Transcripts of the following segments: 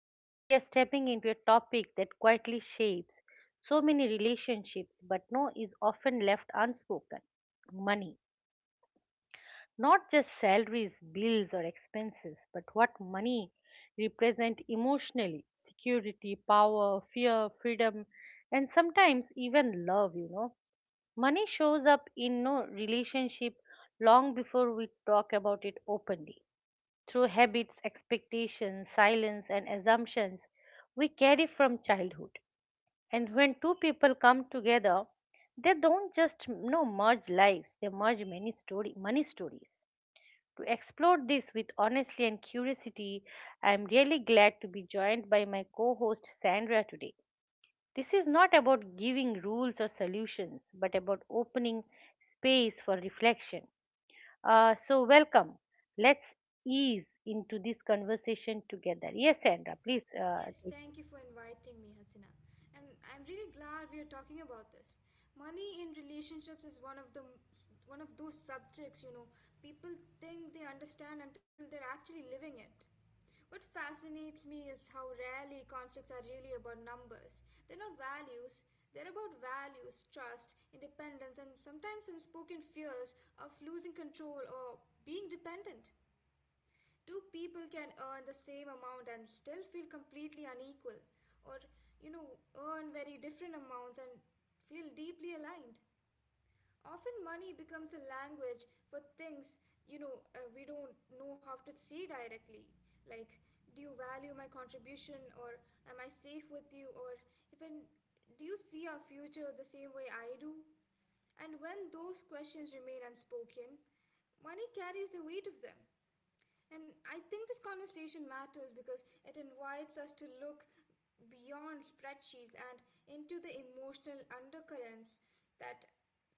Today, we are stepping into a topic that quietly shapes so many relationships but no is often left unspoken money. Not just salaries, bills, or expenses, but what money represents emotionally security, power, fear, freedom, and sometimes even love. You know, money shows up in no relationship long before we talk about it openly through habits, expectations, silence, and assumptions we carry from childhood. And when two people come together, they don't just merge lives; they merge many story, many stories. To explore this with honesty and curiosity, I am really glad to be joined by my co-host Sandra today. This is not about giving rules or solutions, but about opening space for reflection. Welcome. Let's ease into this conversation together. Yes, Sandra, please Yes, take it. thank you for inviting me, Hasina. And I'm really glad we are talking about this. Money in relationships is one of those subjects, you know, people think they understand until they're actually living it. What fascinates me is how rarely conflicts are really about numbers. They're not values. They're about values, trust, independence, and sometimes unspoken fears of losing control or being dependent. Two people can earn the same amount and still feel completely unequal, or you know, earn very different amounts and feel deeply aligned. Often money becomes a language for things we don't know how to see directly, like, do you value my contribution, or am I safe with you, or even, do you see our future the same way I do? And when those questions remain unspoken, money carries the weight of them. And I think this conversation matters because it invites us to look beyond spreadsheets and into the emotional undercurrents that,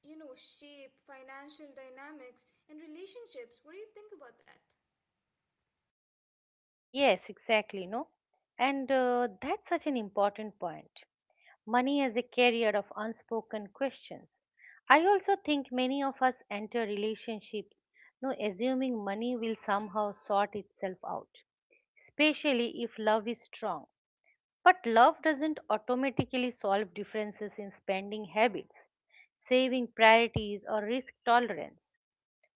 you know, shape financial dynamics and relationships. What do you think about that? Yes, exactly. No, and that's such an important point. Money as a carrier of unspoken questions. I also think many of us enter relationships, no, assuming money will somehow sort itself out, especially if love is strong. But love doesn't automatically solve differences in spending habits, saving priorities, or risk tolerance.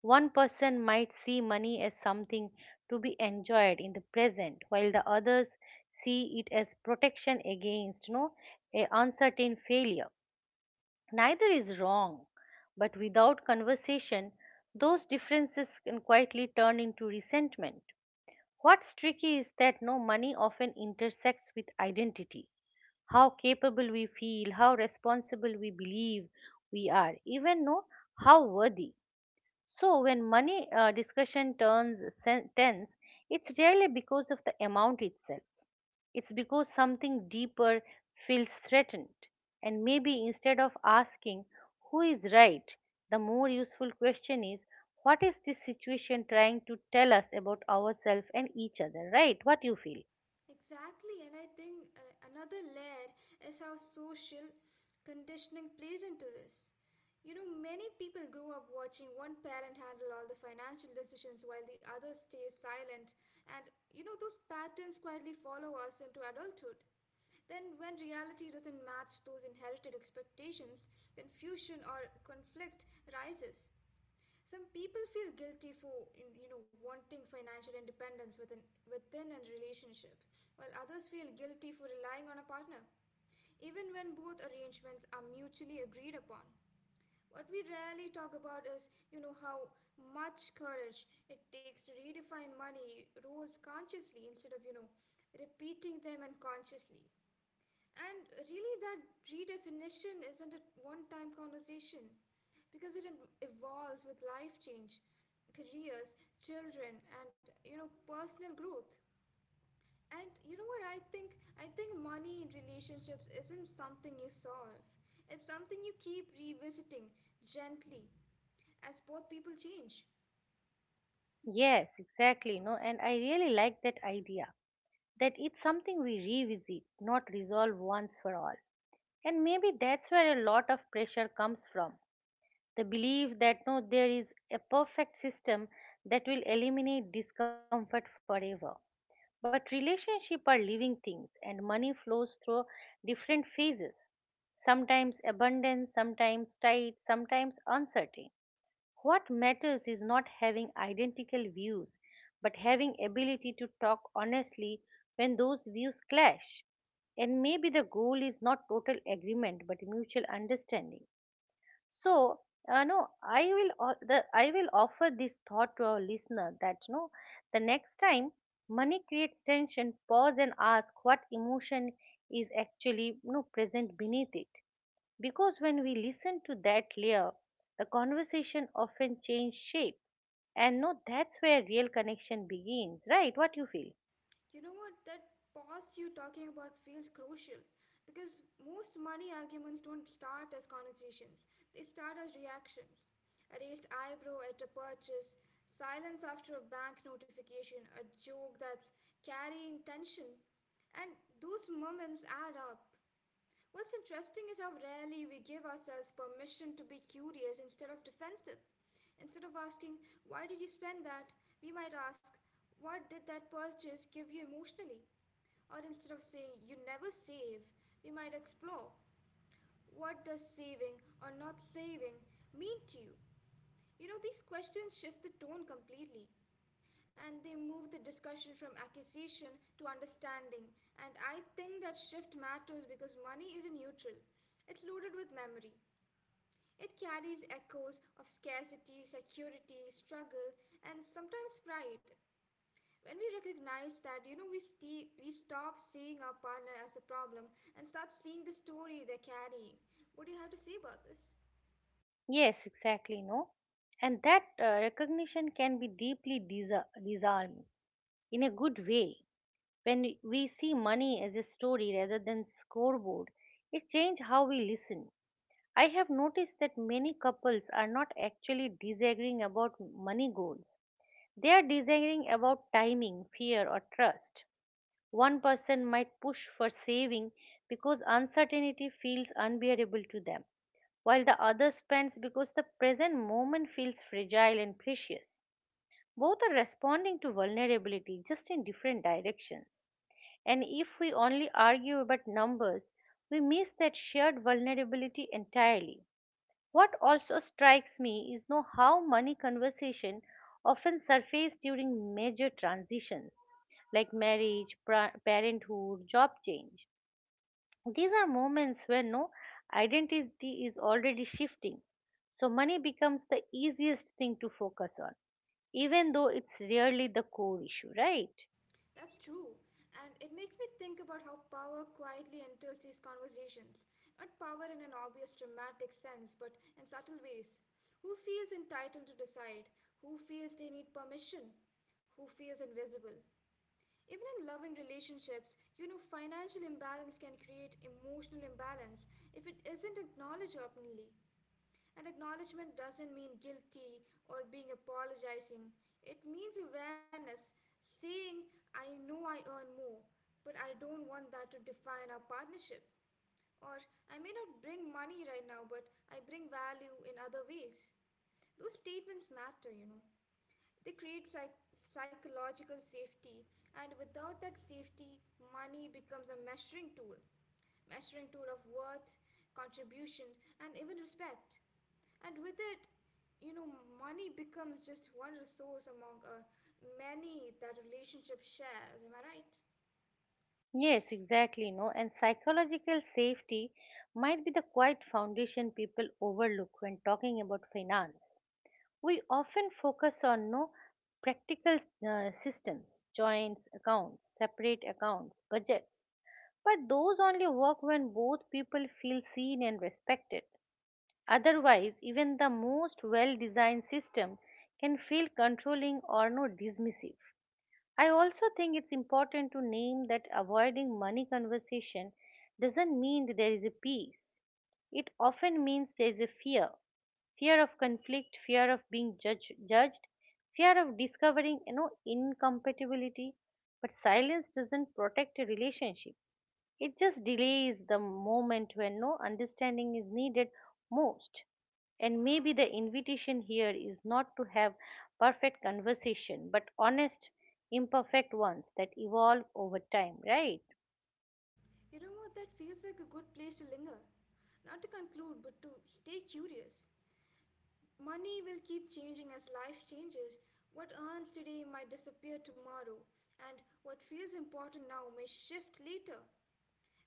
One person might see money as something to be enjoyed in the present, while the others see it as protection against no a uncertain failure. Neither is wrong, but without conversation, those differences can quietly turn into resentment. What's tricky is that no money often intersects with identity how capable we feel, how responsible we believe we are, even know how worthy. So when money discussion turns tense, it's rarely because of the amount itself. It's because something deeper feels threatened. And maybe instead of asking who is right, the more useful question is what is this situation trying to tell us about ourselves and each other, right? What you feel? Exactly, and I think another layer is how social conditioning plays into this. You know, many people grow up watching one parent handle all the financial decisions while the other stays silent, and you know, those patterns quietly follow us into adulthood. Then, when reality doesn't match those inherited expectations, confusion or conflict rises. Some people feel guilty for you know wanting financial independence within a relationship, while others feel guilty for relying on a partner, even when both arrangements are mutually agreed upon. What we rarely talk about is you know how much courage it takes to redefine money rules consciously instead of you know repeating them unconsciously. And really, that redefinition isn't a one time conversation because it evolves with life change, careers, children, and you know, personal growth. And you know what I think? I think money in relationships isn't something you solve, it's something you keep revisiting gently as both people change. Yes, exactly. No, and I really like that idea that it's something we revisit, not resolve once for all. And maybe that's where a lot of pressure comes from the belief that no, there is a perfect system that will eliminate discomfort forever. But relationships are living things, and money flows through different phases sometimes abundant, sometimes tight, sometimes uncertain. What matters is not having identical views, but having ability to talk honestly when those views clash. And maybe the goal is not total agreement but mutual understanding. So, no, I will offer this thought to our listener that no, the next time money creates tension, pause and ask what emotion is actually no present beneath it. Because when we listen to that layer, the conversation often changes shape. And no, that's where real connection begins, right? What you feel? You know what? That pause you're talking about feels crucial because most money arguments don't start as conversations, they start as reactions. A raised eyebrow at a purchase, silence after a bank notification, a joke that's carrying tension. And those moments add up. What's interesting is how rarely we give ourselves permission to be curious instead of defensive. Instead of asking, why did you spend that? We might ask, what did that purchase give you emotionally? Or instead of saying, you never save, we might explore, what does saving or not saving mean to you? You know, these questions shift the tone completely, and they move the discussion from accusation to understanding. And I think that shift matters because money is a neutral, it's loaded with memory. It carries echoes of scarcity, security, struggle, and sometimes pride. When we recognize that, you know, we stop seeing our partner as the problem and start seeing the story they're carrying. What do you have to say about this? Yes, exactly, no? And that recognition can be deeply disarming in a good way. When we see money as a story rather than scoreboard, it changes how we listen. I have noticed that many couples are not actually disagreeing about money goals. They are disagreeing about timing, fear, or trust. One person might push for saving because uncertainty feels unbearable to them, while the other spends because the present moment feels fragile and precious. Both are responding to vulnerability just in different directions. And if we only argue about numbers, we miss that shared vulnerability entirely. What also strikes me is know how money conversation often surface during major transitions like marriage, parenthood, job change. These are moments where no identity is already shifting. So money becomes the easiest thing to focus on, even though it's rarely the core issue, right? That's true. And it makes me think about how power quietly enters these conversations. Not power in an obvious dramatic sense, but in subtle ways. Who feels entitled to decide? Who feels they need permission? Who feels invisible? Even in loving relationships, you know, financial imbalance can create emotional imbalance if it isn't acknowledged openly. And acknowledgement doesn't mean guilty or being apologizing. It means awareness, saying, I know I earn more, but I don't want that to define our partnership. Or, I may not bring money right now, but I bring value in other ways. Those statements matter, you know. They create psychological safety, and without that safety, money becomes a measuring tool of worth, contribution, and even respect. And with it, you know, money becomes just one resource among many that relationship shares. Am I right? Yes, exactly, no. And psychological safety might be the quiet foundation people overlook when talking about finance. We often focus on no practical systems, joints accounts, separate accounts, budgets, but those only work when both people feel seen and respected. Otherwise, even the most well designed system can feel controlling or no dismissive. I also think it's important to name that avoiding money conversation doesn't mean there is a peace. It often means there is a fear of conflict, fear of judged, fear of discovering you know incompatibility. But silence doesn't protect a relationship. It just delays the moment when no understanding is needed most. And maybe the invitation here is not to have perfect conversation, but honest, imperfect ones that evolve over time, right? You know what? That feels like a good place to linger. Not to conclude, but to stay curious. Money will keep changing as life changes. What earns today might disappear tomorrow, and what feels important now may shift later.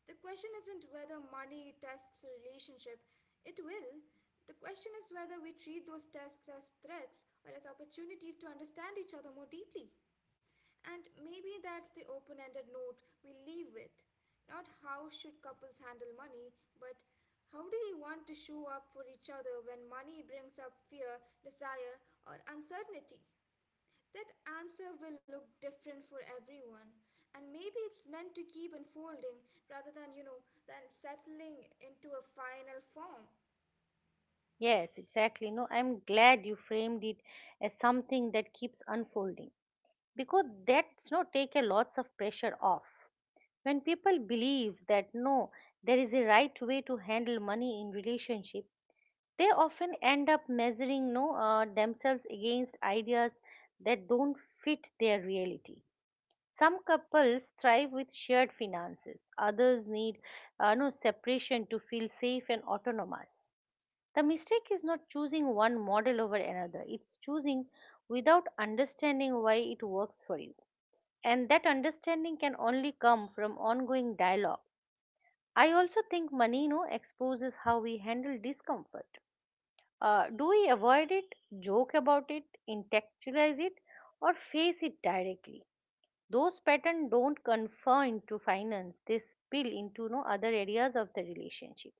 The question isn't whether money tests a relationship, it will. The question is whether we treat those tests as threats or as opportunities to understand each other more deeply. And maybe that's the open ended note we leave with. Not how should couples handle money, but how do we want to show up for each other when money brings up fear, desire, or uncertainty? That answer will look different for everyone. And maybe it's meant to keep unfolding rather than, you know, than settling into a final form. Yes, exactly. No, I'm glad you framed it as something that keeps unfolding because that's no take a lots of pressure off when people believe that no there is a right way to handle money in relationship they often end up measuring no themselves against ideas that don't fit their reality. Some couples thrive with shared finances, others need no separation to feel safe and autonomous. The mistake is not choosing one model over another, it's choosing without understanding why it works for you, and that understanding can only come from ongoing dialogue. I also think money you exposes how we handle discomfort. Do we avoid it, joke about it, intellectualize it, or face it directly? Those patterns don't confine to finance, they spill into no other areas of the relationship.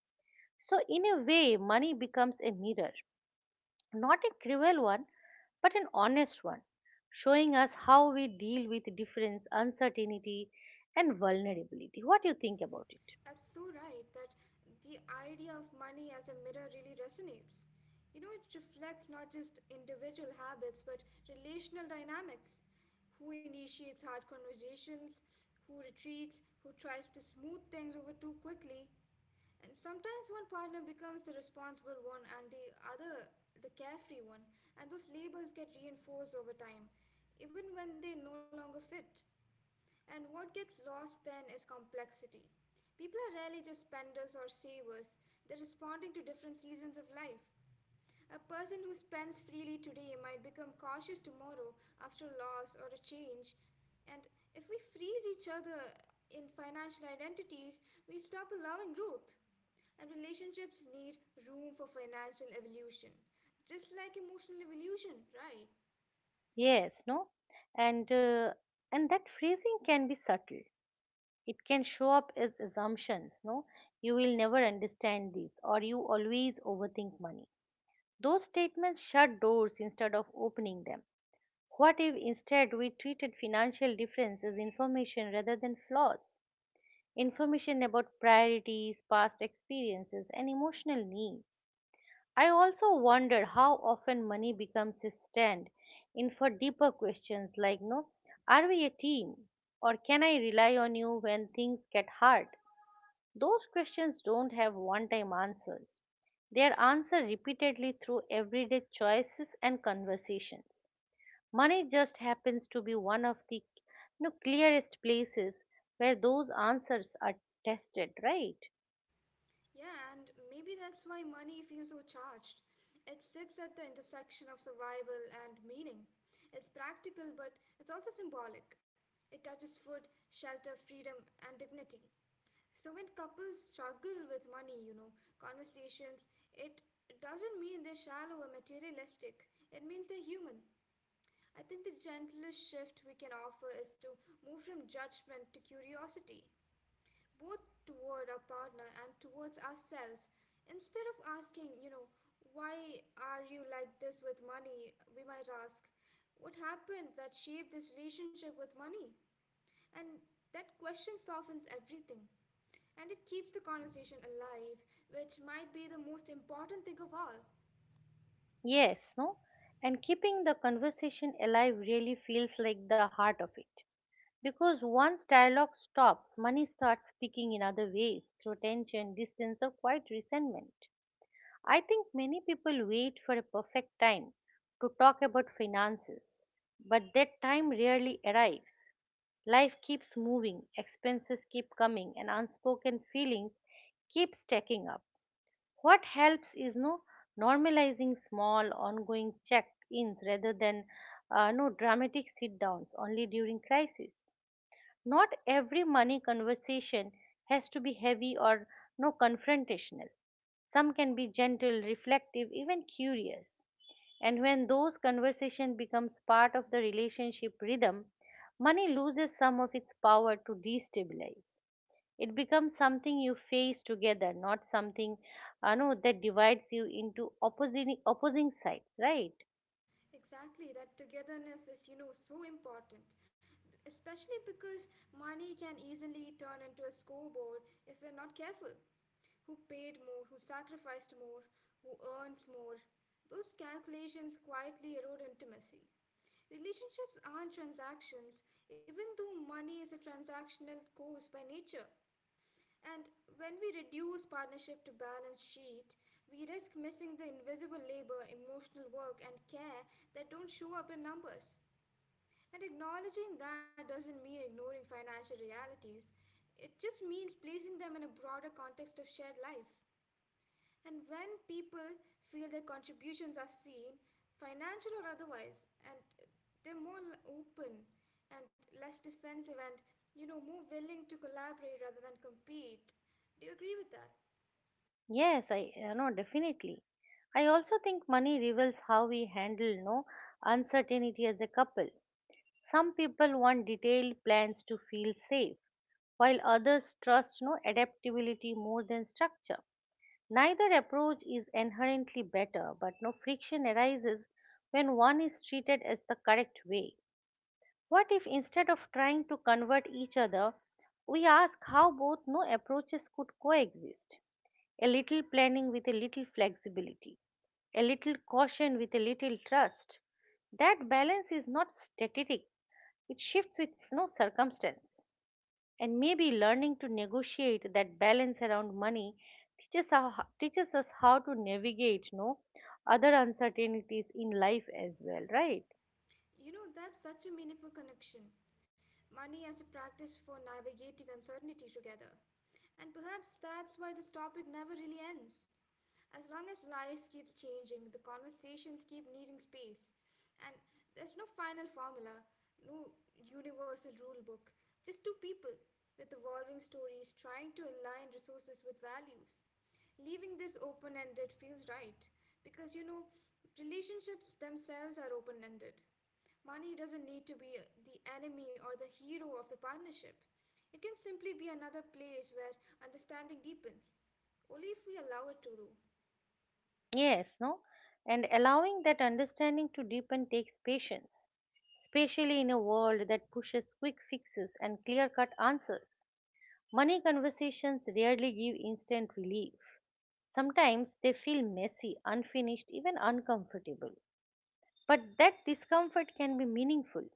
So in a way money becomes a mirror, not a cruel one, but an honest one, showing us how we deal with difference, uncertainty, and vulnerability. What do you think about it? That's so right, that the idea of money as a mirror really resonates. You know, it reflects not just individual habits but relational dynamics. Who initiates hard conversations, who retreats, who tries to smooth things over too quickly. And sometimes one partner becomes the responsible one and the other the carefree one, and those labels get reinforced over time, even when they no longer fit. And what gets lost then is complexity. People are rarely just spenders or savers, they're responding to different seasons of life. A person who spends freely today might become cautious tomorrow after loss or a change. And if we freeze each other in financial identities, we stop allowing growth. And relationships need room for financial evolution, just like emotional evolution, right? Yes, no, and uh, and that phrasing can be subtle. It can show up as assumptions. No, you will never understand this, or you always overthink money. Those statements shut doors instead of opening them. What if instead we treated financial difference as information rather than flaws? Information about priorities, past experiences, and emotional needs. I also wonder how often money becomes a stand in for deeper questions like no, are we a team? Or can I rely on you when things get hard? Those questions don't have one time answers. They are answered repeatedly through everyday choices and conversations. Money just happens to be one of the clearest places where those answers are tested, right? Yeah, and maybe that's why money feels so charged. It sits at the intersection of survival and meaning. It's practical, but it's also symbolic. It touches food, shelter, freedom, and dignity. So when couples struggle with money, you know, conversations, it doesn't mean they're shallow or materialistic. It means they're human. I think the gentlest shift we can offer is to move from judgment to curiosity, both toward our partner and towards ourselves. Instead of asking, you know, why are you like this with money, we might ask, what happened that shaped this relationship with money? And that question softens everything, and it keeps the conversation alive, which might be the most important thing of all. Yes, no? And keeping the conversation alive really feels like the heart of it. Because once dialogue stops, money starts speaking in other ways through tension, distance, or quiet resentment. I think many people wait for a perfect time to talk about finances, but that time rarely arrives. Life keeps moving, expenses keep coming, and unspoken feelings keep stacking up. What helps is no normalizing small ongoing check-ins rather than no dramatic sit-downs only during crisis. Not every money conversation has to be heavy or no confrontational. Some can be gentle, reflective, even curious. And when those conversations becomes part of the relationship rhythm, money loses some of its power to destabilize. It becomes something you face together, not something no, that divides you into opposing sides, right? Exactly, that togetherness is, you know, so important, especially because money can easily turn into a scoreboard if we're not careful. Who paid more, who sacrificed more, who earns more. Those calculations quietly erode intimacy. Relationships aren't transactions, even though money is a transactional course by nature. And when we reduce partnership to balance sheet, we risk missing the invisible labor, emotional work, and care that don't show up in numbers. And acknowledging that doesn't mean ignoring financial realities, it just means placing them in a broader context of shared life. And when people feel their contributions are seen, financial or otherwise, and they're more open and less defensive, and, you know, more willing to collaborate rather than compete. Do you agree with that? Yes, I no, definitely. I also think money reveals how we handle no uncertainty as a couple. Some people want detailed plans to feel safe, while others trust no adaptability more than structure. Neither approach is inherently better, but no friction arises when one is treated as the correct way. What if instead of trying to convert each other, we ask how both no approaches could coexist? A little planning with a little flexibility, a little caution with a little trust. That balance is not static, it shifts with no circumstance. And maybe learning to negotiate that balance around money teaches, how, teaches us how to navigate no other uncertainties in life as well, right? You know, that's such a meaningful connection. Money as a practice for navigating uncertainty together. And perhaps that's why this topic never really ends. As long as life keeps changing, the conversations keep needing space. And there's no final formula, no universal rule book, just two people with evolving stories trying to align resources with values. Leaving this open ended feels right because, you know, relationships themselves are open ended. Money doesn't need to be the enemy or the hero of the partnership. It can simply be another place where understanding deepens. Only if we allow it to, do. Yes, no? And allowing that understanding to deepen takes patience, especially in a world that pushes quick fixes and clear cut answers. Money conversations rarely give instant relief. Sometimes they feel messy, unfinished, even uncomfortable. But that discomfort can be meaningful.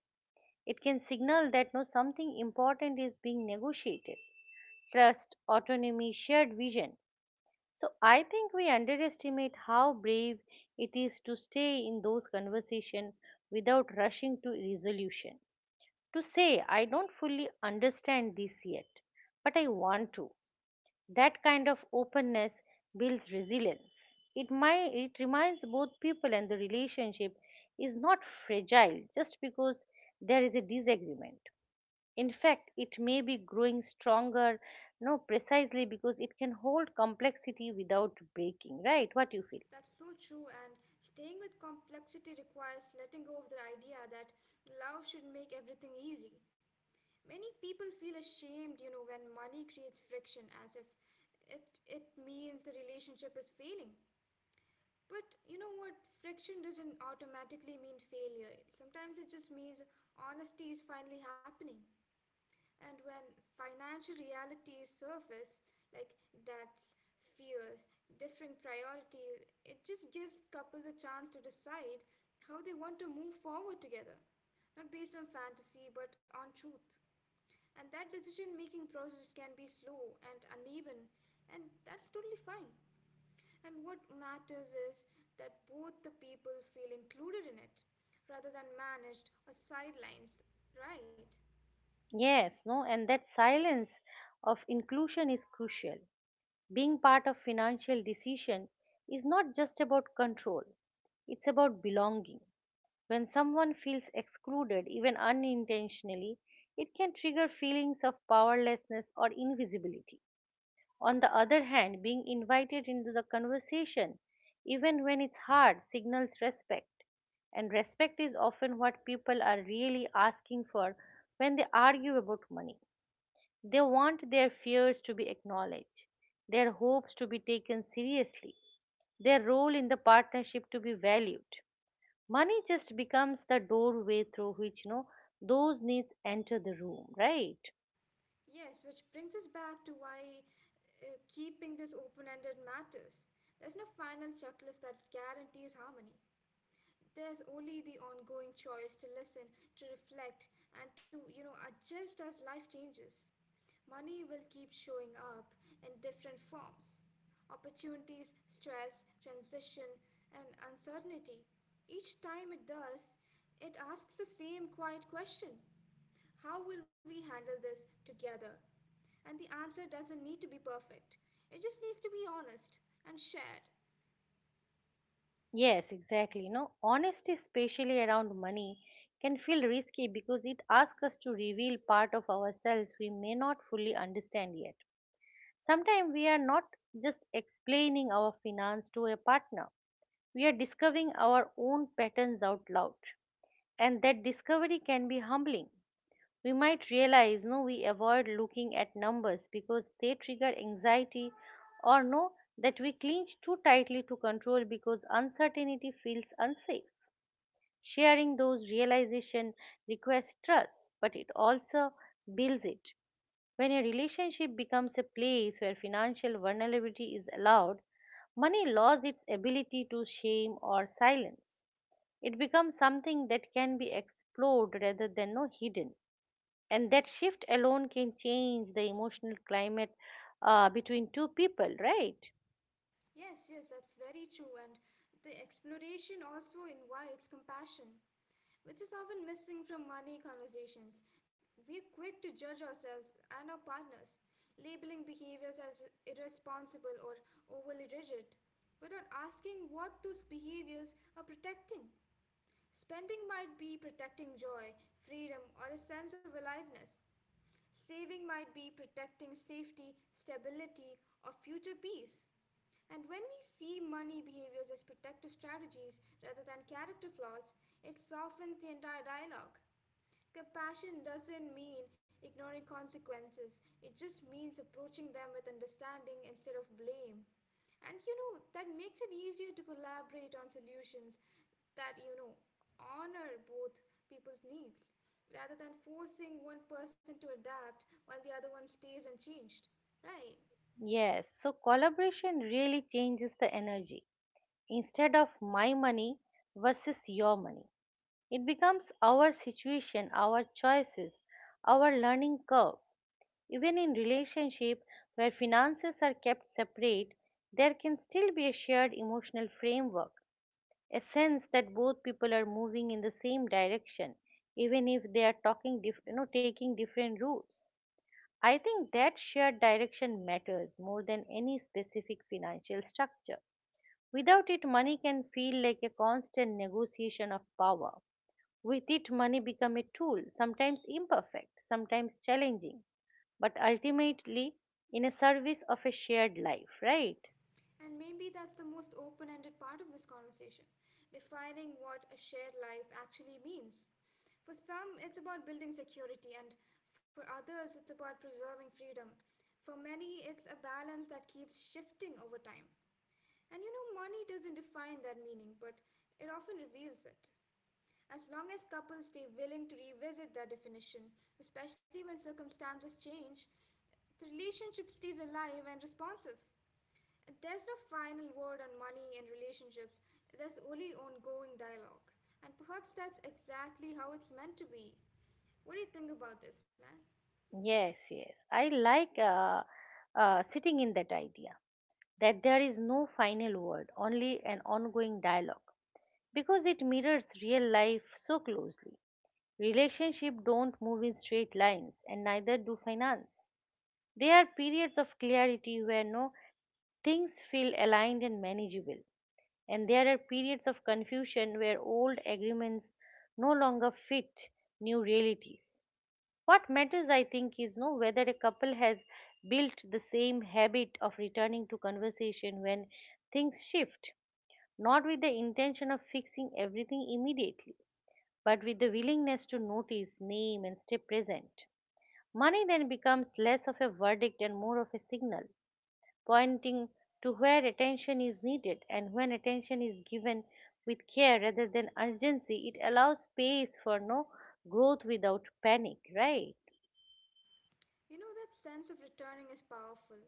It can signal that no something important is being negotiated. Trust, autonomy, shared vision. So I think we underestimate how brave it is to stay in those conversations without rushing to resolution. To say I don't fully understand this yet, but I want to. That kind of openness builds resilience. It reminds both people and the relationship is not fragile just because there is a disagreement. In fact, it may be growing stronger, no, precisely because it can hold complexity without breaking, right? What you feel? That's so true, and staying with complexity requires letting go of the idea that love should make everything easy. Many people feel ashamed, you know, when money creates friction as if it means the relationship is failing. But you know what? Friction doesn't automatically mean failure. Sometimes it just means honesty is finally happening. And when financial realities surface, like debts, fears, differing priorities, it just gives couples a chance to decide how they want to move forward together. Not based on fantasy, but on truth. And that decision making process can be slow and uneven, and that's totally fine. And what matters is that both the people feel included in it rather than managed or sidelined, right? Yes, no, and that silence of inclusion is crucial. Being part of financial decision is not just about control, it's about belonging. When someone feels excluded, even unintentionally, it can trigger feelings of powerlessness or invisibility. On the other hand, being invited into the conversation, even when it's hard, signals respect. And respect is often what people are really asking for when they argue about money. They want their fears to be acknowledged, their hopes to be taken seriously, their role in the partnership to be valued. Money just becomes the doorway through which those needs enter the room, right? Yes, which brings us back to why keeping this open ended matters. There's no final checklist that guarantees harmony. There's only the ongoing choice to listen, to reflect, and to, you know, adjust as life changes. Money will keep showing up in different forms, opportunities, stress, transition, and uncertainty. Each time it does, it asks the same quiet question: how will we handle this together? And the answer doesn't need to be perfect, it just needs to be honest and shared. Yes, exactly, you know, honesty especially around money can feel risky because it asks us to reveal part of ourselves we may not fully understand yet. Sometimes we are not just explaining our finance to a partner, we are discovering our own patterns out loud, and that discovery can be humbling. We might realize, no, we avoid looking at numbers because they trigger anxiety, or know that we clinch too tightly to control because uncertainty feels unsafe. Sharing those realization requires trust, but it also builds it. When a relationship becomes a place where financial vulnerability is allowed, money loses its ability to shame or silence. It becomes something that can be explored rather than, no, hidden, and that shift alone can change the emotional climate between two people, right? Yes, yes, that's very true. And the exploration also invites compassion, which is often missing from money conversations. We're quick to judge ourselves and our partners, labeling behaviors as irresponsible or overly rigid without asking what those behaviors are protecting. Spending might be protecting joy, freedom, or a sense of aliveness. Saving might be protecting safety, stability, or future peace. And when we see money behaviors as protective strategies rather than character flaws, it softens the entire dialogue. Compassion doesn't mean ignoring consequences, it just means approaching them with understanding instead of blame. That makes it easier to collaborate on solutions that honor both people's needs rather than forcing one person to adapt while the other one stays unchanged. Right. Yes, so collaboration really changes the energy. Instead of my money versus your money, it becomes our situation, our choices, our learning curve. Even in relationship where finances are kept separate, there can still be a shared emotional framework, a sense that both people are moving in the same direction, even if they are you know, taking different routes. I think that shared direction matters more than any specific financial structure. Without it, money can feel like a constant negotiation of power. With it, money becomes a tool, sometimes imperfect, sometimes challenging, but ultimately in a service of a shared life, right? And maybe that's the most open ended part of this conversation, defining what a shared life actually means. For some, it's about building security, and for others, it's about preserving freedom. For many, it's a balance that keeps shifting over time. Money doesn't define that meaning, but it often reveals it. As long as couples stay willing to revisit their definition, especially when circumstances change, the relationship stays alive and responsive. There's no final word on money and relationships, there's only ongoing dialogue. And perhaps that's exactly how it's meant to be. What do you think about this, man? Yes, yes, I like sitting in that idea that there is no final word, only an ongoing dialogue, because it mirrors real life so closely. Relationships don't move in straight lines, and neither do finance. There are periods of clarity where, no, things feel aligned and manageable, and there are periods of confusion where old agreements no longer fit new realities. What matters, I think, is know whether a couple has built the same habit of returning to conversation when things shift, not with the intention of fixing everything immediately, but with the willingness to notice, name, and stay present. Money then becomes less of a verdict and more of a signal, pointing to where attention is needed, and when attention is given with care rather than urgency, it allows space for, no, growth without panic, right? You know, that sense of returning is powerful.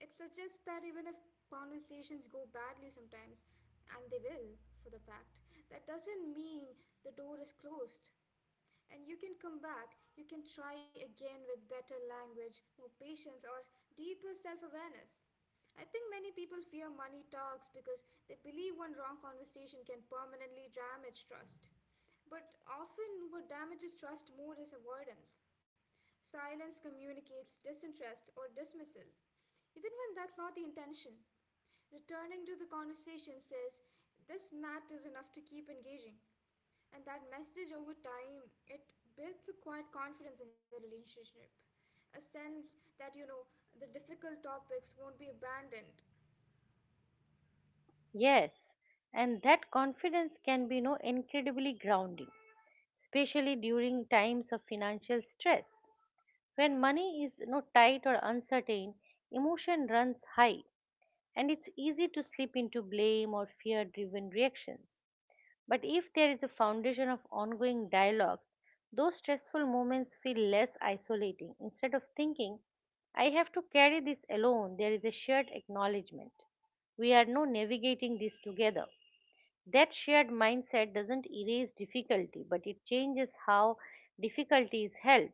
It suggests that even if conversations go badly sometimes, and they will, for the fact, that doesn't mean the door is closed. And you can come back, you can try again with better language, more patience, or deeper self awareness. I think many people fear money talks because they believe one wrong conversation can permanently damage trust. But often, what damages trust more is avoidance. Silence communicates disinterest or dismissal, even when that's not the intention. Returning to the conversation says, this matters enough to keep engaging. And that message over time, it builds a quiet confidence in the relationship. A sense that the difficult topics won't be abandoned. Yes, and that confidence can be, no, incredibly grounding, especially during times of financial stress. When money is, you know, tight or uncertain, emotion runs high and it's easy to slip into blame or fear driven reactions. But if there is a foundation of ongoing dialogue, those stressful moments feel less isolating. Instead of thinking, I have to carry this alone, there is a shared acknowledgement. We are now navigating this together. That shared mindset doesn't erase difficulty, but it changes how difficulty is held.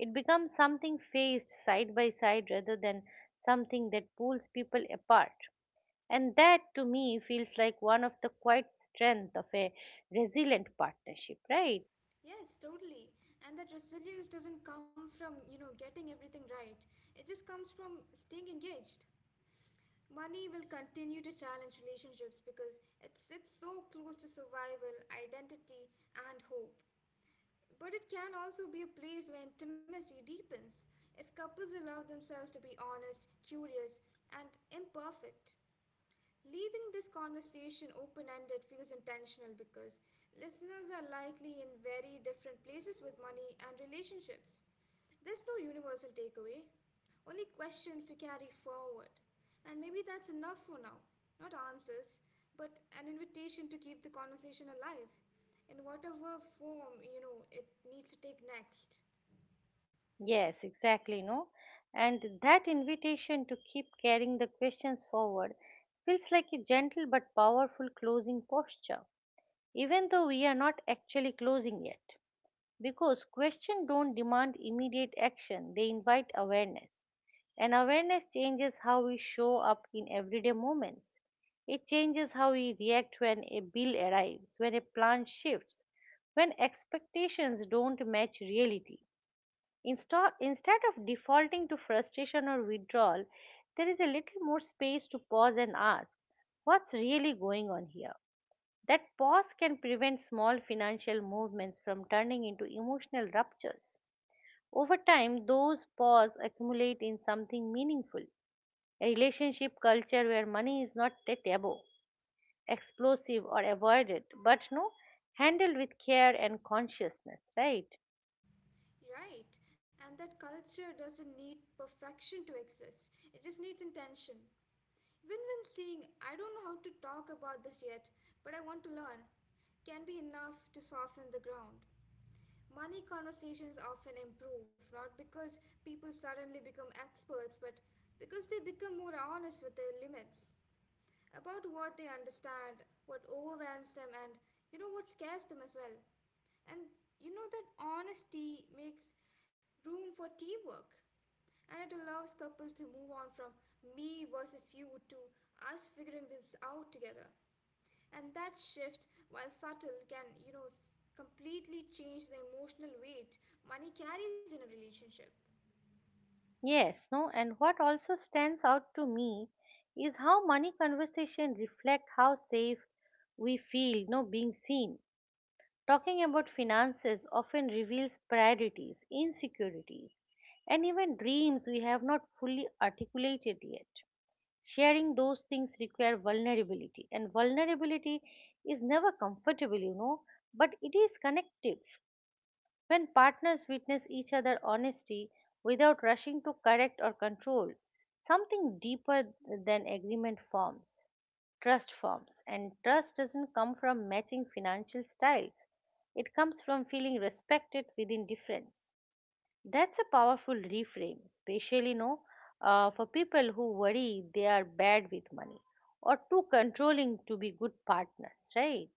It becomes something faced side by side rather than something that pulls people apart. And that to me feels like one of the quiet strength of a resilient partnership, right? Yes, totally. And that resilience doesn't come from, getting everything right. It just comes from staying engaged. Money will continue to challenge relationships because it's so close to survival, identity, and hope. But it can also be a place where intimacy deepens if couples allow themselves to be honest, curious, and imperfect. Leaving this conversation open ended feels intentional because listeners are likely in very different places with money and relationships. There's no universal takeaway, only questions to carry forward. And maybe that's enough for now. Not answers, but an invitation to keep the conversation alive in whatever form, it needs to take next. Yes, exactly, no? And that invitation to keep carrying the questions forward feels like a gentle but powerful closing posture, even though we are not actually closing yet. Because questions don't demand immediate action, they invite awareness, and awareness changes how we show up in everyday moments. It changes how we react when a bill arrives, when a plan shifts, when expectations don't match reality. Instead of defaulting to frustration or withdrawal, there is a little more space to pause and ask, what's really going on here? That pause can prevent small financial movements from turning into emotional ruptures. Over time, those pause accumulate in something meaningful. A relationship culture where money is not a taboo, explosive, or avoided, but, no, handled with care and consciousness, right? Right, and that culture doesn't need perfection to exist, it just needs intention. Win-win seeing, I don't know how to talk about this yet, but I want to learn, can be enough to soften the ground. Money conversations often improve, not because people suddenly become experts, but because they become more honest with their limits about what they understand, what overwhelms them, and what scares them as well. And that honesty makes room for teamwork. And it allows couples to move on from me versus you to us figuring this out together. And that shift, while subtle, can, completely change the emotional weight money carries in a relationship. Yes, no, and what also stands out to me is how money conversation reflect how safe we feel, no, being seen. Talking about finances often reveals priorities, insecurities, and even dreams we have not fully articulated yet. Sharing those things require vulnerability, and vulnerability is never comfortable, you know, but it is connective. When partners witness each other honesty without rushing to correct or control, something deeper than agreement forms. Trust forms, and trust doesn't come from matching financial style. It comes from feeling respected within difference. That's a powerful reframe, especially, no, for people who worry they are bad with money or too controlling to be good partners, right?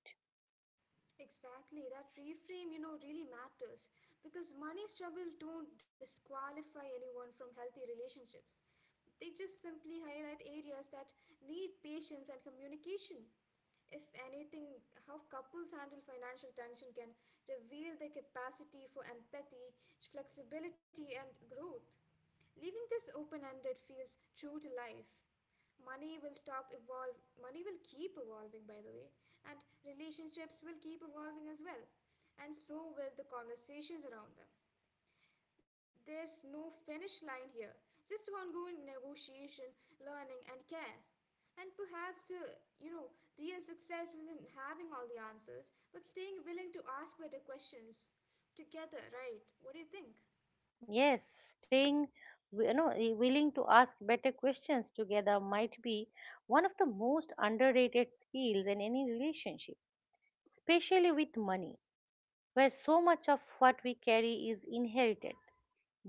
Exactly, that reframe, really matters because money struggles don't disqualify anyone from healthy relationships. They just simply highlight areas that need patience and communication. If anything, how couples handle financial tension can reveal their capacity for empathy, flexibility, and growth. Leaving this open ended feels true to life. Money will keep evolving by the way, and relationships will keep evolving as well. And so will the conversations around them. There's no finish line here, just ongoing negotiation, learning, and care. And perhaps the, you know, real success isn't having all the answers, but staying willing to ask better questions together, right? What do you think? Yes, staying you know, willing to ask better questions together might be one of the most underrated skills in any relationship, especially with money, where so much of what we carry is inherited.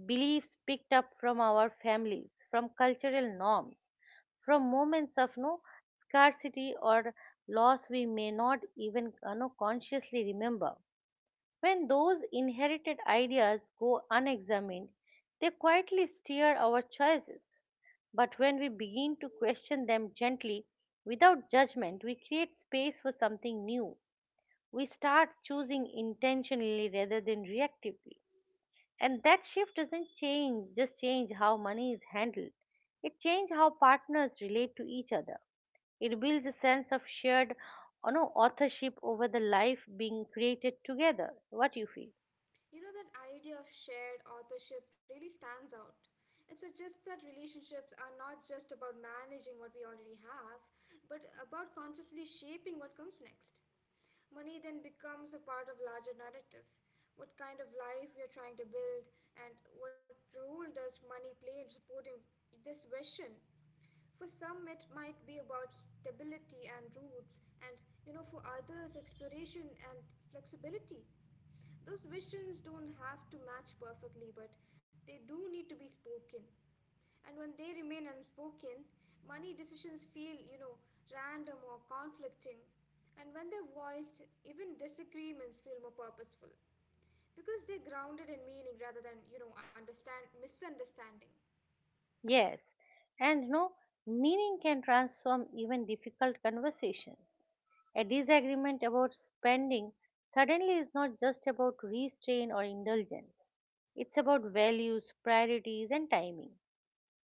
Beliefs picked up from our families, from cultural norms, from moments of, no, scarcity or loss we may not even no, consciously remember. When those inherited ideas go unexamined, they quietly steer our choices. But when we begin to question them gently, without judgment, we create space for something new. We start choosing intentionally rather than reactively, and that shift doesn't change how money is handled. It changes how partners relate to each other. It builds a sense of shared, you know, authorship over the life being created together. What you feel? You know, that idea of shared authorship really stands out. It suggests that relationships are not just about managing what we already have, but about consciously shaping what comes next. Money then becomes a part of larger narrative. What kind of life we are trying to build, and what role does money play in supporting this vision? For some, it might be about stability and roots, and for others, exploration and flexibility. Those visions don't have to match perfectly, but they do need to be spoken. And when they remain unspoken, money decisions feel, random or conflicting. And when they're voiced, even disagreements feel more purposeful because they're grounded in meaning rather than, you know, understand misunderstanding. Yes, and, no, meaning can transform even difficult conversations. A disagreement about spending suddenly is not just about restraint or indulgence, it's about values, priorities, and timing.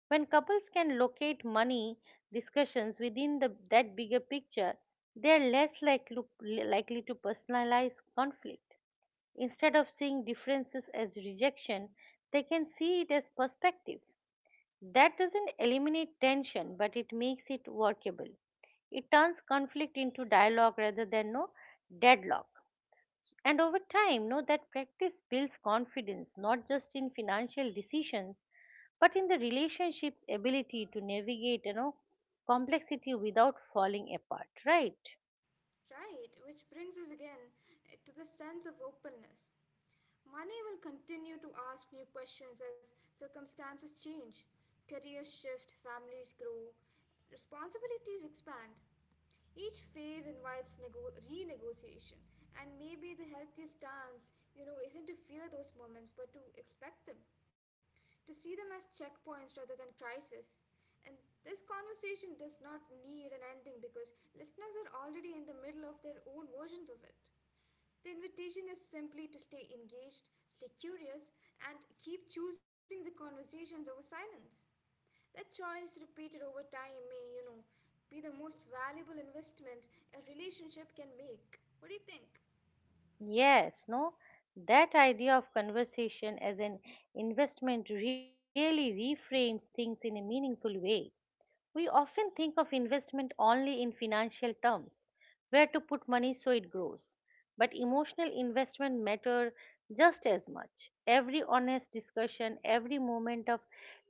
When couples can locate money discussions within that bigger picture, they are likely to personalize conflict. Instead of seeing differences as rejection, they can see it as perspective. That doesn't eliminate tension, but it makes it workable. It turns conflict into dialogue rather than, no, deadlock. And over time, know that practice builds confidence not just in financial decisions but in the relationship's ability to navigate, you know, complexity without falling apart, right? Right, which brings us again to the sense of openness. Money will continue to ask new questions as circumstances change, careers shift, families grow, responsibilities expand. Each phase invites renegotiation, and maybe the healthiest stance, isn't to fear those moments but to expect them, to see them as checkpoints rather than crisis. And this conversation does not need an ending because listeners are already in the middle of their own versions of it. The invitation is simply to stay engaged, stay curious, and keep choosing the conversations over silence. That choice, repeated over time, may, be the most valuable investment a relationship can make. What do you think? Yes, no, that idea of conversation as an investment really reframes things in a meaningful way. We often think of investment only in financial terms, where to put money so it grows. But emotional investment matter just as much. Every honest discussion, every moment of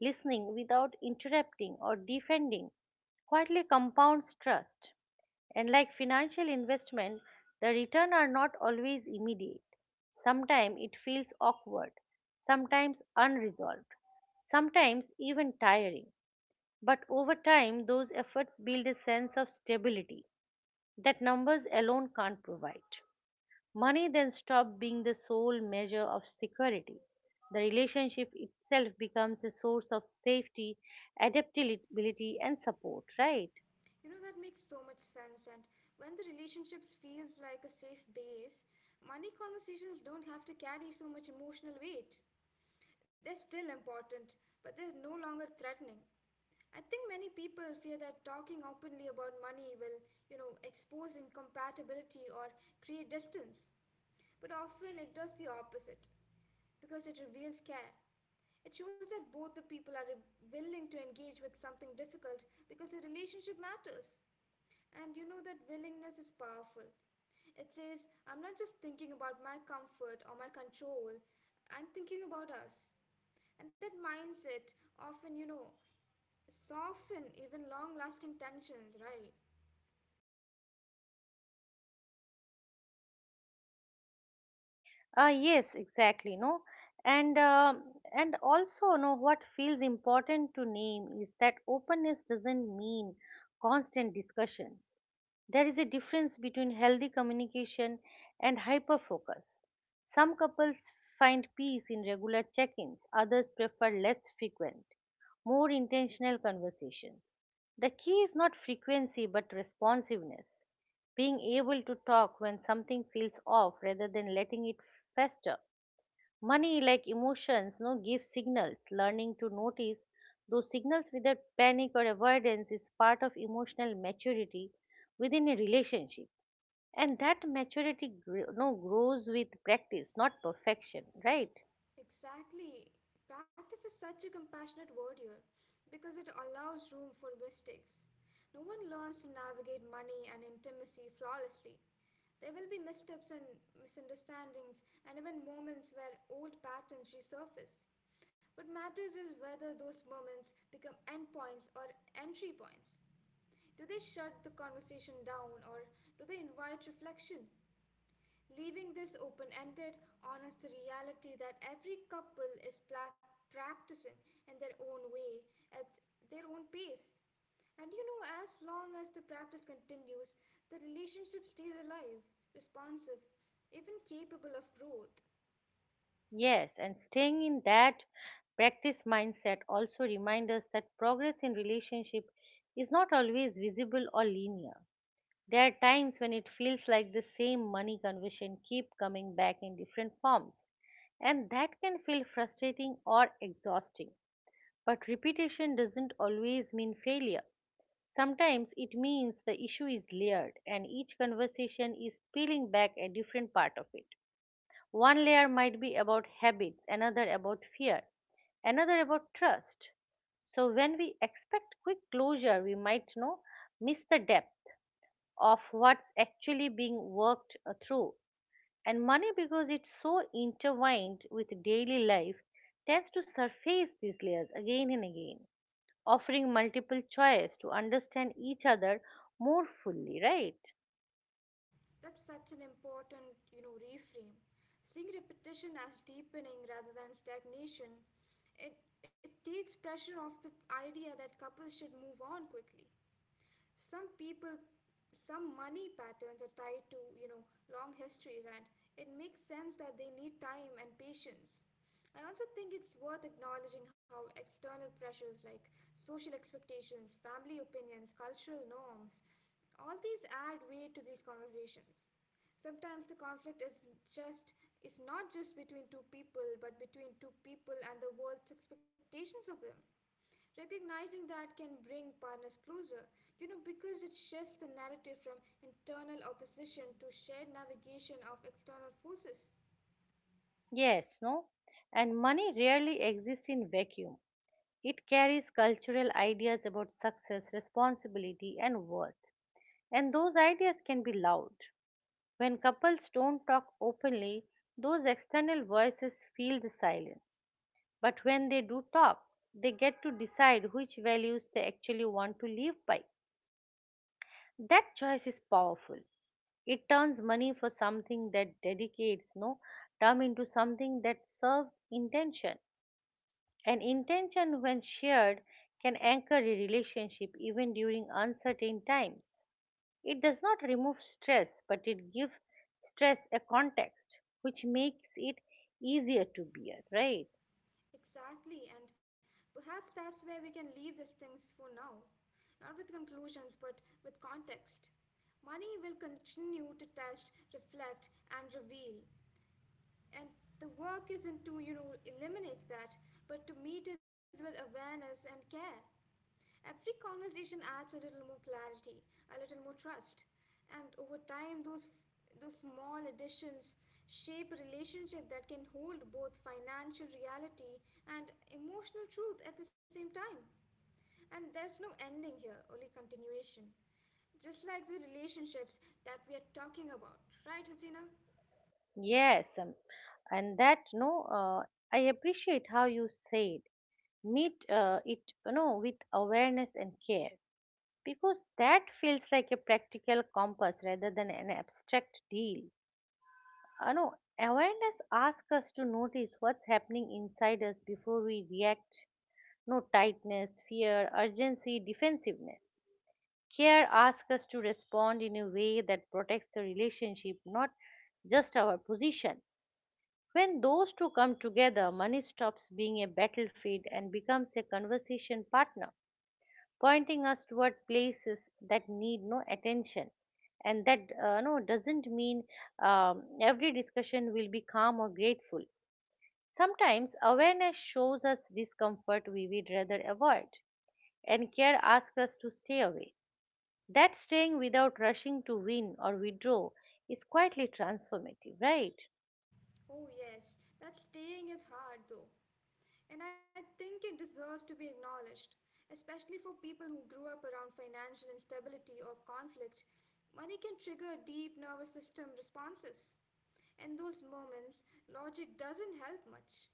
listening without interrupting or defending quietly compounds trust. And like financial investment, the return are not always immediate. Sometimes it feels awkward, sometimes unresolved, sometimes even tiring. But over time, those efforts build a sense of stability that numbers alone can't provide. Money then stops being the sole measure of security. The relationship itself becomes a source of safety, adaptability, and support, right? You know, that makes so much sense. And when the relationships feels like a safe base, money conversations don't have to carry so much emotional weight. They're still important, but they're no longer threatening. I think many people fear that talking openly about money will, expose incompatibility or create distance. But often it does the opposite because it reveals care. It shows that both the people are willing to engage with something difficult because the relationship matters. And that willingness is powerful. It says, I'm not just thinking about my comfort or my control, I'm thinking about us. And that mindset often, soften even long lasting tensions, right? Yes, exactly. No, and um and also, no, what feels important to name is that openness doesn't mean constant discussions. There is a difference between healthy communication and hyper focus. Some couples find peace in regular check-ins; others prefer less frequent, more intentional conversations. The key is not frequency but responsiveness, being able to talk when something feels off rather than letting it fester. Money, like emotions, no, give signals. Learning to notice those signals without panic or avoidance is part of emotional maturity within a relationship. And that no, grows with practice not perfection, right? Exactly. Practice is such a compassionate word here because it allows room for mistakes. No one learns to navigate money and intimacy flawlessly. There will be missteps and misunderstandings, and even moments where old patterns resurface. What matters is whether those moments become endpoints or entry points. Do they shut the conversation down or do they invite reflection? Leaving this open ended honors the reality that every couple is practicing in their own way, at their own pace. And as long as the practice continues, the relationship stays alive, responsive, even capable of growth. Yes, and staying in that practice mindset also reminds us that progress in relationship is not always visible or linear. There are times when it feels like the same money conversation keep coming back in different forms, and that can feel frustrating or exhausting. But repetition doesn't always mean failure. Sometimes it means the issue is layered and each conversation is peeling back a different part of it. One layer might be about habits, another about fear, another about trust. So when we expect quick closure, we might, you know, miss the depth of what's actually being worked through. And money, because it's so intertwined with daily life, tends to surface these layers again and again, offering multiple choice to understand each other more fully, right? That's such an important, reframe. Seeing repetition as deepening rather than stagnation, it, it takes pressure off the idea that couples should move on quickly. Some people, some money patterns are tied to long histories, and it makes sense that they need time and patience. I also think it's worth acknowledging how external pressures like social expectations, family opinions, cultural norms, all these add weight to these conversations. Sometimes the conflict is just is not just between two people but between two people and the world's expectations of them. Recognizing that can bring partners closer, because it shifts the narrative from internal opposition to shared navigation of external forces. Yes, no? And money rarely exists in vacuum. It carries cultural ideas about success, responsibility, and worth. And those ideas can be loud. When couples don't talk openly, those external voices fill the silence. But when they do talk, they get to decide which values they actually want to live by. That choice is powerful. It turns money for something that dedicates, no, term into something that serves intention. An intention, when shared, can anchor a relationship even during uncertain times. It does not remove stress, but it gives stress a context, which makes it easier to bear, right? Exactly, and perhaps that's where we can leave these things for now. Not with conclusions, but with context. Money will continue to test, reflect, and reveal. And the work isn't to, eliminate that, but to meet it with awareness and care. Every conversation adds a little more clarity, a little more trust, and over time, those small additions shape a relationship that can hold both financial reality and emotional truth at the same time. And there's no ending here, only continuation. Just like the relationships that we are talking about, right, Hasina? Yes, and that, no, I appreciate how you said meet it, you know, with awareness and care, because that feels like a practical compass rather than an abstract deal. You know, awareness asks us to notice what's happening inside us before we react. No, tightness, fear, urgency, defensiveness. Care asks us to respond in a way that protects the relationship, not just our position. When those two come together, money stops being a battlefield and becomes a conversation partner, pointing us toward places that need, no, attention. And that, no, doesn't mean every discussion will be calm or grateful. Sometimes awareness shows us discomfort we would rather avoid, and care asks us to stay away. That staying without rushing to win or withdraw is quietly transformative, right? Oh, yes, that staying is hard though. And I think it deserves to be acknowledged, especially for people who grew up around financial instability or conflict. Money can trigger deep nervous system responses. In those moments, logic doesn't help much.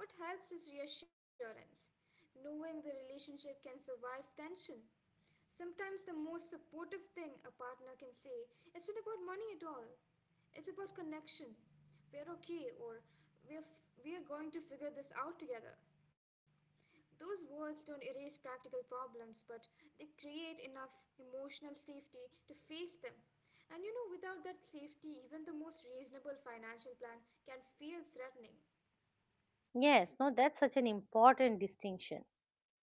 What helps is reassurance, knowing the relationship can survive tension. Sometimes the most supportive thing a partner can say isn't about money at all. It's about connection. We're okay, or we're going to figure this out together. Those words don't erase practical problems, but they create enough emotional safety to face them. And without that safety, even the most reasonable financial plan can feel threatening. Yes, no, that's such an important distinction.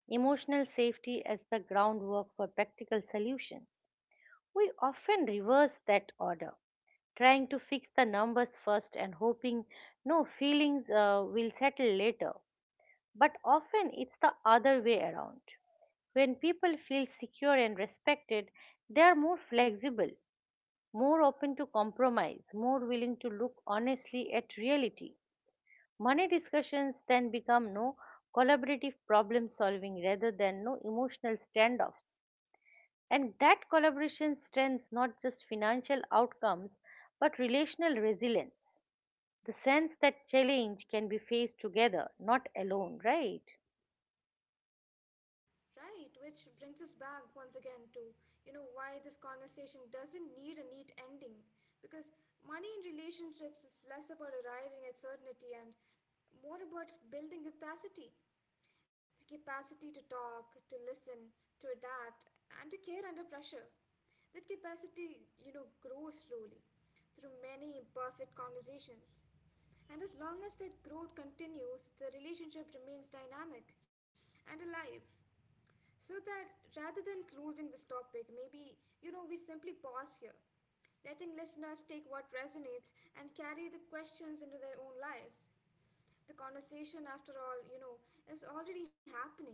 Emotional safety as the groundwork for practical solutions. We often reverse that order, trying to fix the numbers first and hoping no feelings will settle later. But often it's the other way around. When people feel secure and respected, they are more flexible, more open to compromise, more willing to look honestly at reality. Money discussions then become no collaborative problem solving rather than no emotional standoffs. And that collaboration strengthens not just financial outcomes but relational resilience. The sense that challenge can be faced together, not alone, right? Right, which brings us back once again to, why this conversation doesn't need a neat ending. Because money in relationships is less about arriving at certainty and more about building capacity. The capacity to talk, to listen, to adapt, and to care under pressure. That capacity, grows slowly through many imperfect conversations. And as long as that growth continues, the relationship remains dynamic and alive. So that rather than closing this topic, maybe, we simply pause here, letting listeners take what resonates and carry the questions into their own lives. The conversation, after all, is already happening.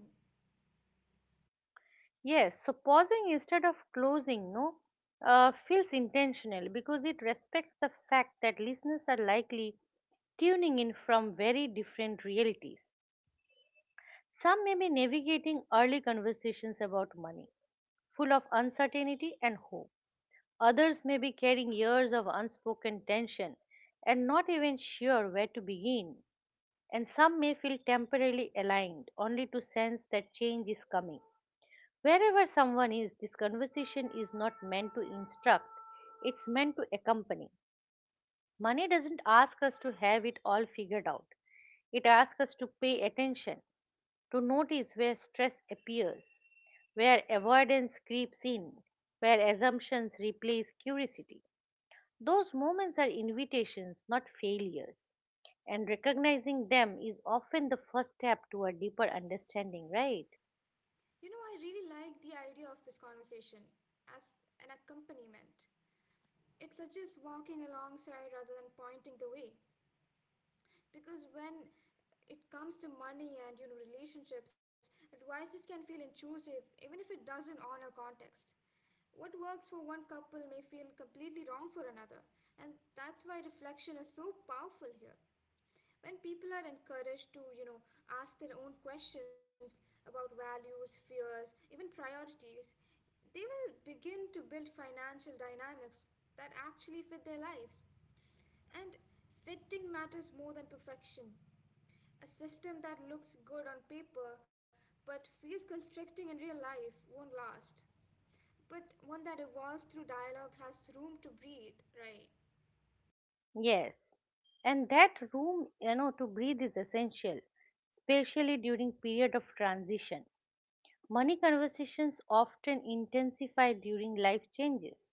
Yes, so pausing instead of closing, no, feels intentional because it respects the fact that listeners are likely tuning in from very different realities. Some may be navigating early conversations about money, full of uncertainty and hope. Others may be carrying years of unspoken tension and not even sure where to begin. And some may feel temporarily aligned, only to sense that change is coming. Wherever someone is, this conversation is not meant to instruct, it's meant to accompany. Money doesn't ask us to have it all figured out, it asks us to pay attention, to notice where stress appears, where avoidance creeps in, where assumptions replace curiosity. Those moments are invitations, not failures. And recognizing them is often the first step to a deeper understanding, right? I really like the idea of this conversation as an accompaniment. It suggests walking alongside rather than pointing the way. Because when it comes to money and relationships, advices can feel intrusive even if it doesn't honor context. What works for one couple may feel completely wrong for another, and that's why reflection is so powerful here. When people are encouraged to, ask their own questions about values, fears, even priorities, they will begin to build financial dynamics that actually fit their lives. And fitting matters more than perfection. A system that looks good on paper but feels constricting in real life won't last. But one that evolves through dialogue has room to breathe, right? Yes, and that room, to breathe is essential, especially during period of transition. Money conversations often intensify during life changes,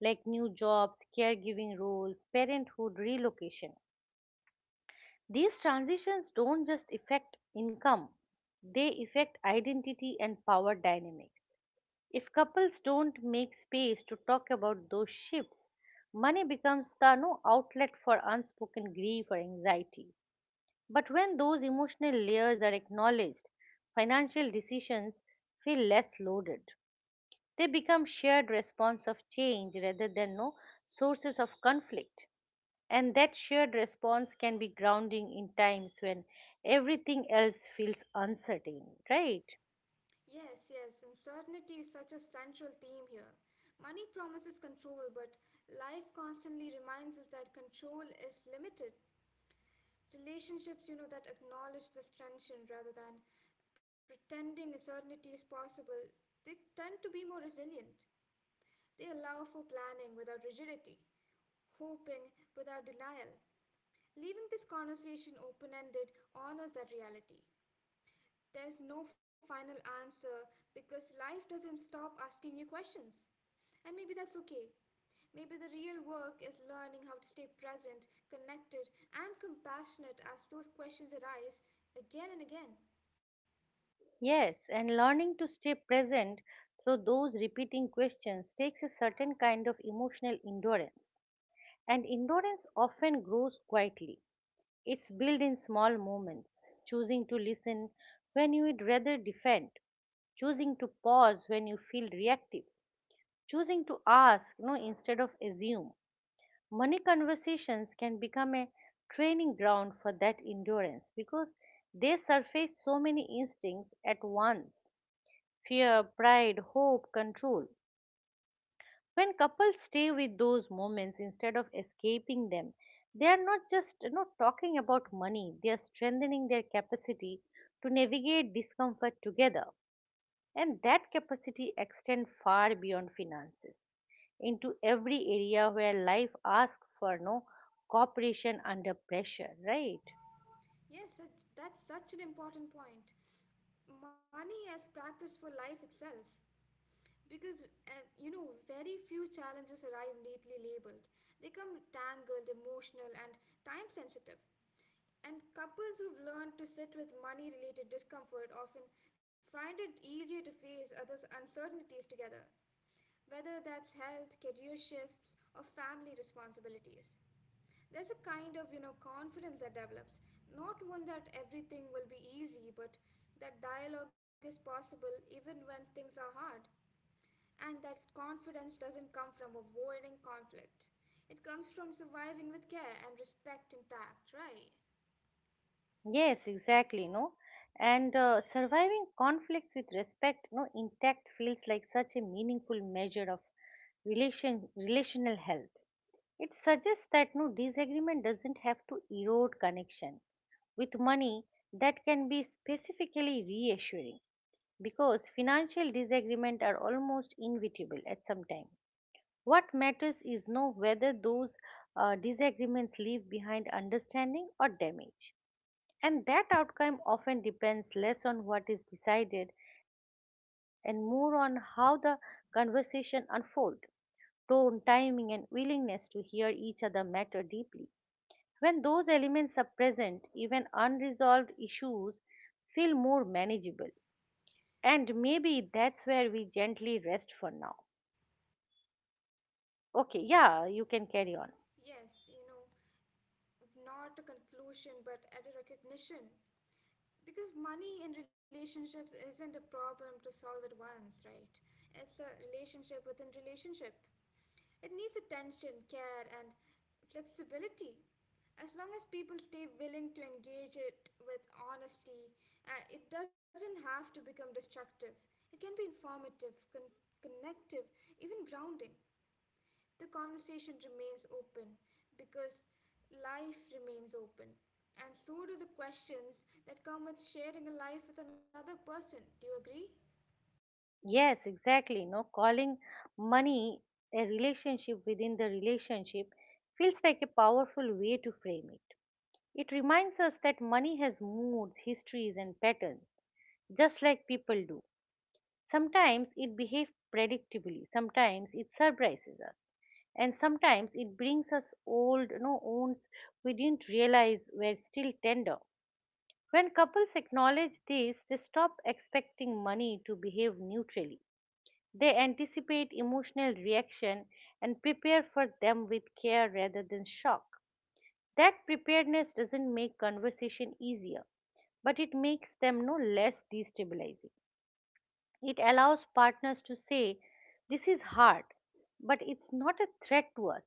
like new jobs, caregiving roles, parenthood, relocation. These transitions don't just affect income; they affect identity and power dynamics. If couples don't make space to talk about those shifts, money becomes the no outlet for unspoken grief or anxiety. But when those emotional layers are acknowledged, financial decisions feel less loaded. They become shared response of change rather than no sources of conflict. And that shared response can be grounding in times when everything else feels uncertain, right? Yes, yes, uncertainty is such a central theme here. Money promises control, but life constantly reminds us that control is limited. Relationships, that acknowledge this tension rather than pretending certainty is possible, they tend to be more resilient. They allow for planning without rigidity, hoping without denial. Leaving this conversation open ended honors that reality. There's no final answer because life doesn't stop asking you questions. And maybe that's okay. Maybe the real work is learning how to stay present, connected, and compassionate as those questions arise again and again. Yes, and learning to stay present through those repeating questions takes a certain kind of emotional endurance. And endurance often grows quietly. It's built in small moments: choosing to listen when you would rather defend, choosing to pause when you feel reactive, choosing to ask no instead of assume. Money conversations can become a training ground for that endurance because they surface so many instincts at once: fear, pride, hope, control. When couples stay with those moments instead of escaping them, they are not just talking about money, they are strengthening their capacity to navigate discomfort together. And that capacity extends far beyond finances into every area where life asks for no cooperation under pressure, right? Yes, that's such an important point. Money as practice for life itself. Because, very few challenges arrive neatly labeled. They come tangled, emotional, and time sensitive. And couples who've learned to sit with money related discomfort often find it easier to face others' uncertainties together, whether that's health, career shifts, or family responsibilities. There's a kind of, confidence that develops, not one that everything will be easy, but that dialogue is possible even when things are hard. And that confidence doesn't come from avoiding conflict. It comes from surviving with care and respect intact, right? Yes, exactly, no. And surviving conflicts with respect, no, intact feels like such a meaningful measure of relational health. It suggests that disagreement doesn't have to erode connection. With money, that can be specifically reassuring because financial disagreement are almost inevitable at some time. What matters is no whether those disagreements leave behind understanding or damage, and that outcome often depends less on what is decided and more on how the conversation unfolds. Tone, timing, and willingness to hear each other matter deeply. When those elements are present, even unresolved issues feel more manageable. And maybe that's where we gently rest for now. Okay, yeah, you can carry on. Yes, not a conclusion but at a recognition, because money in relationships isn't a problem to solve at once, right? It's a relationship within relationship. It needs attention, care, and flexibility. As long as people stay willing to engage it with honesty, it doesn't have to become destructive. It can be informative, connective, even grounding. The conversation remains open because life remains open, and so do the questions that come with sharing a life with another person. Do you agree? Yes, exactly. No, calling money a relationship within the relationship feels like a powerful way to frame it. It reminds us that money has moods, histories, and patterns, just like people do. Sometimes it behaves predictably, sometimes it surprises us, and sometimes it brings us old wounds we didn't realize were still tender. When couples acknowledge this, they stop expecting money to behave neutrally. They anticipate emotional reaction and prepare for them with care rather than shock. That preparedness doesn't make conversation easier, but it makes them no less destabilizing. It allows partners to say, "This is hard, but it's not a threat to us,"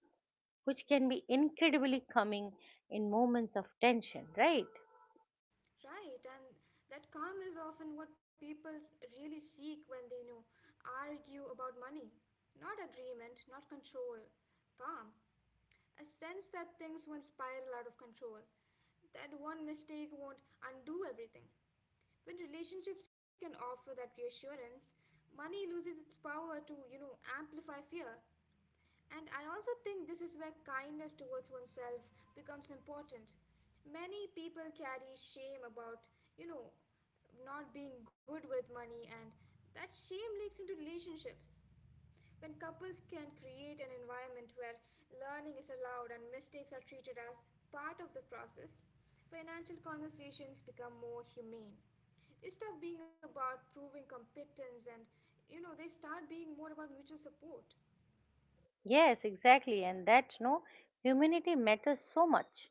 which can be incredibly calming in moments of tension, right? Right, and that calm is often what people really seek when they, argue about money. Not agreement, not control, calm. A sense that things won't spiral out of control, that one mistake won't undo everything. When relationships can offer that reassurance, money loses its power to, amplify fear. And I also think this is where kindness towards oneself becomes important. Many people carry shame about, not being good with money, and that shame leaks into relationships. When couples can create an environment where learning is allowed and mistakes are treated as part of the process, financial conversations become more humane. They stop being about proving competence and, they start being more about mutual support. Yes, exactly, and that no humanity matters so much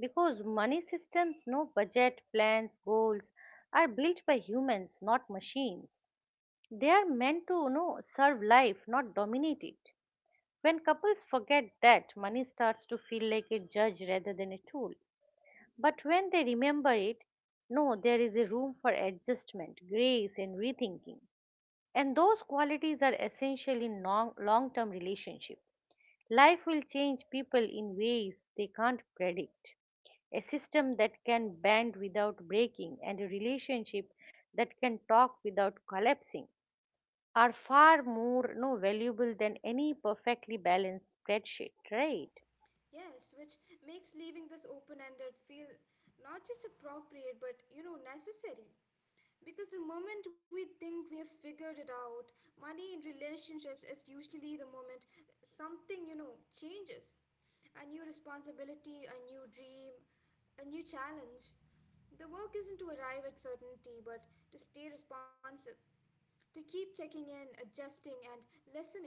because money systems, no budget, plans, goals are built by humans, not machines. They are meant to serve life, not dominate it. When couples forget that, money starts to feel like a judge rather than a tool. But when they remember it, no, there is a room for adjustment, grace, and rethinking. And those qualities are essential in long term relationships. Life will change people in ways they can't predict. A system that can bend without breaking and a relationship that can talk without collapsing are far more no valuable than any perfectly balanced spreadsheet, right? Yes, which makes leaving this open ended feel not just appropriate but, necessary. Because the moment we think we have figured it out, money in relationships is usually the moment something, changes. A new responsibility, a new dream, a new challenge. The work isn't to arrive at certainty but to stay responsive, to keep checking in, adjusting, and listening.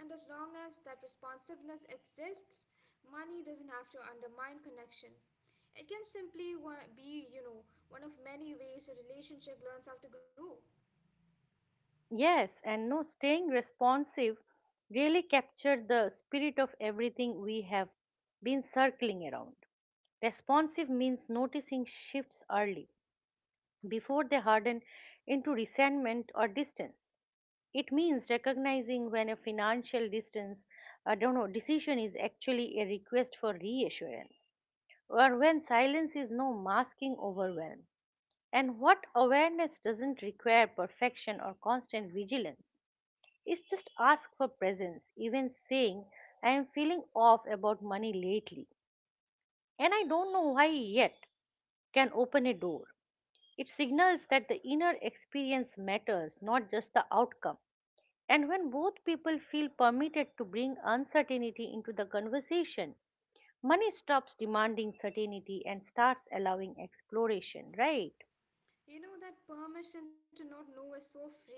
And as long as that responsiveness exists, money doesn't have to undermine connection. It can simply be, one of many ways a relationship learns how to grow. Yes, and no staying responsive really captured the spirit of everything we have been circling around. Responsive means noticing shifts early before they harden into resentment or distance. It means recognizing when a financial distance, I don't know, decision is actually a request for reassurance, or when silence is no masking overwhelm. And what awareness doesn't require perfection or constant vigilance. It's just ask for presence, even saying, "I am feeling off about money lately, and I don't know why yet," can open a door. It signals that the inner experience matters, not just the outcome. And when both people feel permitted to bring uncertainty into the conversation, money stops demanding certainty and starts allowing exploration, right? That permission to not know is so freeing.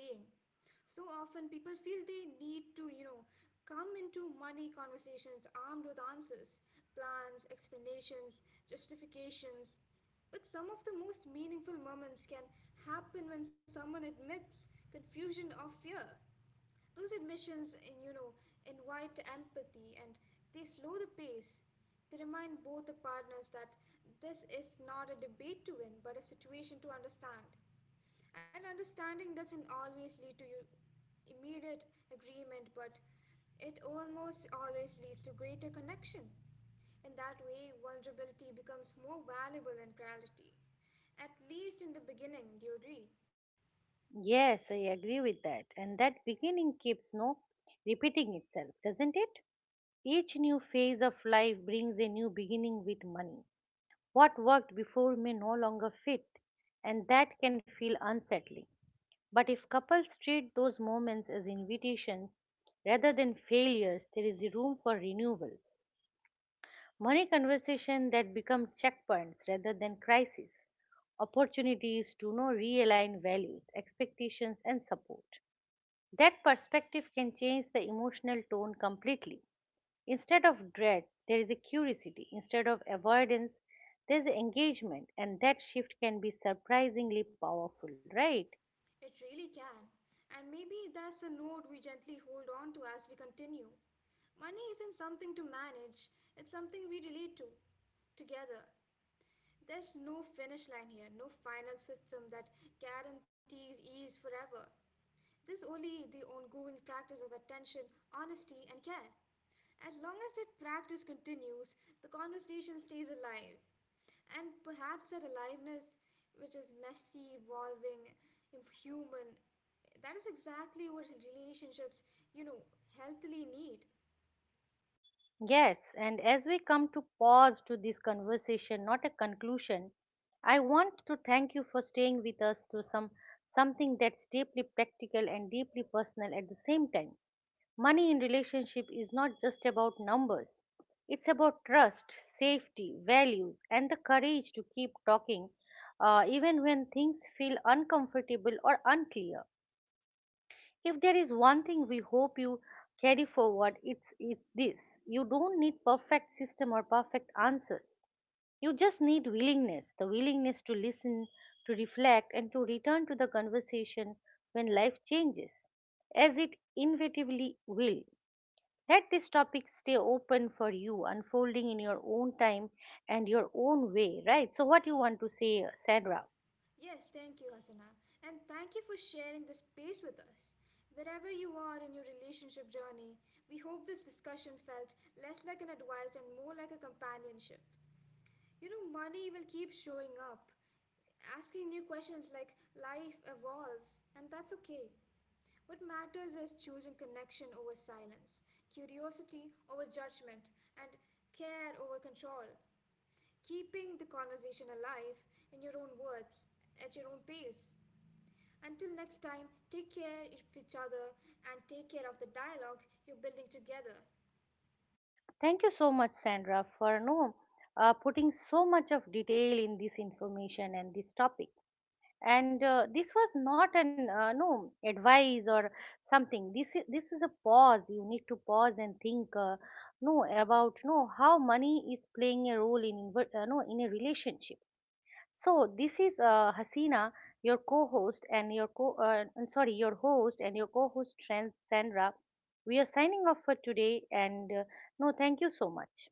So often people feel they need to, come into money conversations armed with answers, plans, explanations, justifications. But some of the most meaningful moments can happen when someone admits confusion or fear. Those admissions, invite empathy, and they slow the pace. They remind both the partners that this is not a debate to win, but a situation to understand. And understanding doesn't always lead to your immediate agreement, but it almost always leads to greater connection. In that way, vulnerability becomes more valuable than clarity. At least in the beginning, do you agree? Yes, I agree with that. And that beginning keeps repeating itself, doesn't it? Each new phase of life brings a new beginning with money. What worked before may no longer fit, and that can feel unsettling. But if couples treat those moments as invitations rather than failures, there is room for renewal. Money conversations that become checkpoints rather than crises, opportunities to know realign values, expectations, and support. That perspective can change the emotional tone completely. Instead of dread, there is a curiosity. Instead of avoidance, there's engagement, and that shift can be surprisingly powerful, right? It really can. And maybe that's the note we gently hold on to as we continue. Money isn't something to manage, it's something we relate to together. There's no finish line here, no final system that guarantees ease forever. There's only the ongoing practice of attention, honesty, and care. As long as that practice continues, the conversation stays alive. And perhaps that aliveness, which is messy, evolving, human, that is exactly what relationships, you know, healthily need. Yes, and as we come to pause to this conversation, not a conclusion, I want to thank you for staying with us through something that's deeply practical and deeply personal at the same time. Money in relationship is not just about numbers. It's about trust, safety, values, and the courage to keep talking, even when things feel uncomfortable or unclear. If there is one thing we hope you carry forward, it's this: you don't need perfect system or perfect answers, you just need willingness, the willingness to listen, to reflect, and to return to the conversation when life changes, as it inevitably will. Let this topic stay open for you, unfolding in your own time and your own way, right? So what you want to say, Sandra? Yes, thank you, Hasana. And thank you for sharing this space with us. Wherever you are in your relationship journey, we hope this discussion felt less like an advice and more like a companionship. Money will keep showing up, asking new questions like life evolves, and that's okay. What matters is choosing connection over silence, curiosity over judgment, and care over control. Keeping the conversation alive in your own words, at your own pace. Until next time, take care of each other and take care of the dialogue you're building together. Thank you so much, Sandra, for no putting so much of detail in this information and this topic. And this was not an no advice or something. This is a pause. You need to pause and think. No about no how money is playing a role in inver- no in a relationship. So this is Hasina, your co-host and your co I'm sorry, your host and your co-host Sandra. We are signing off for today and no thank you so much.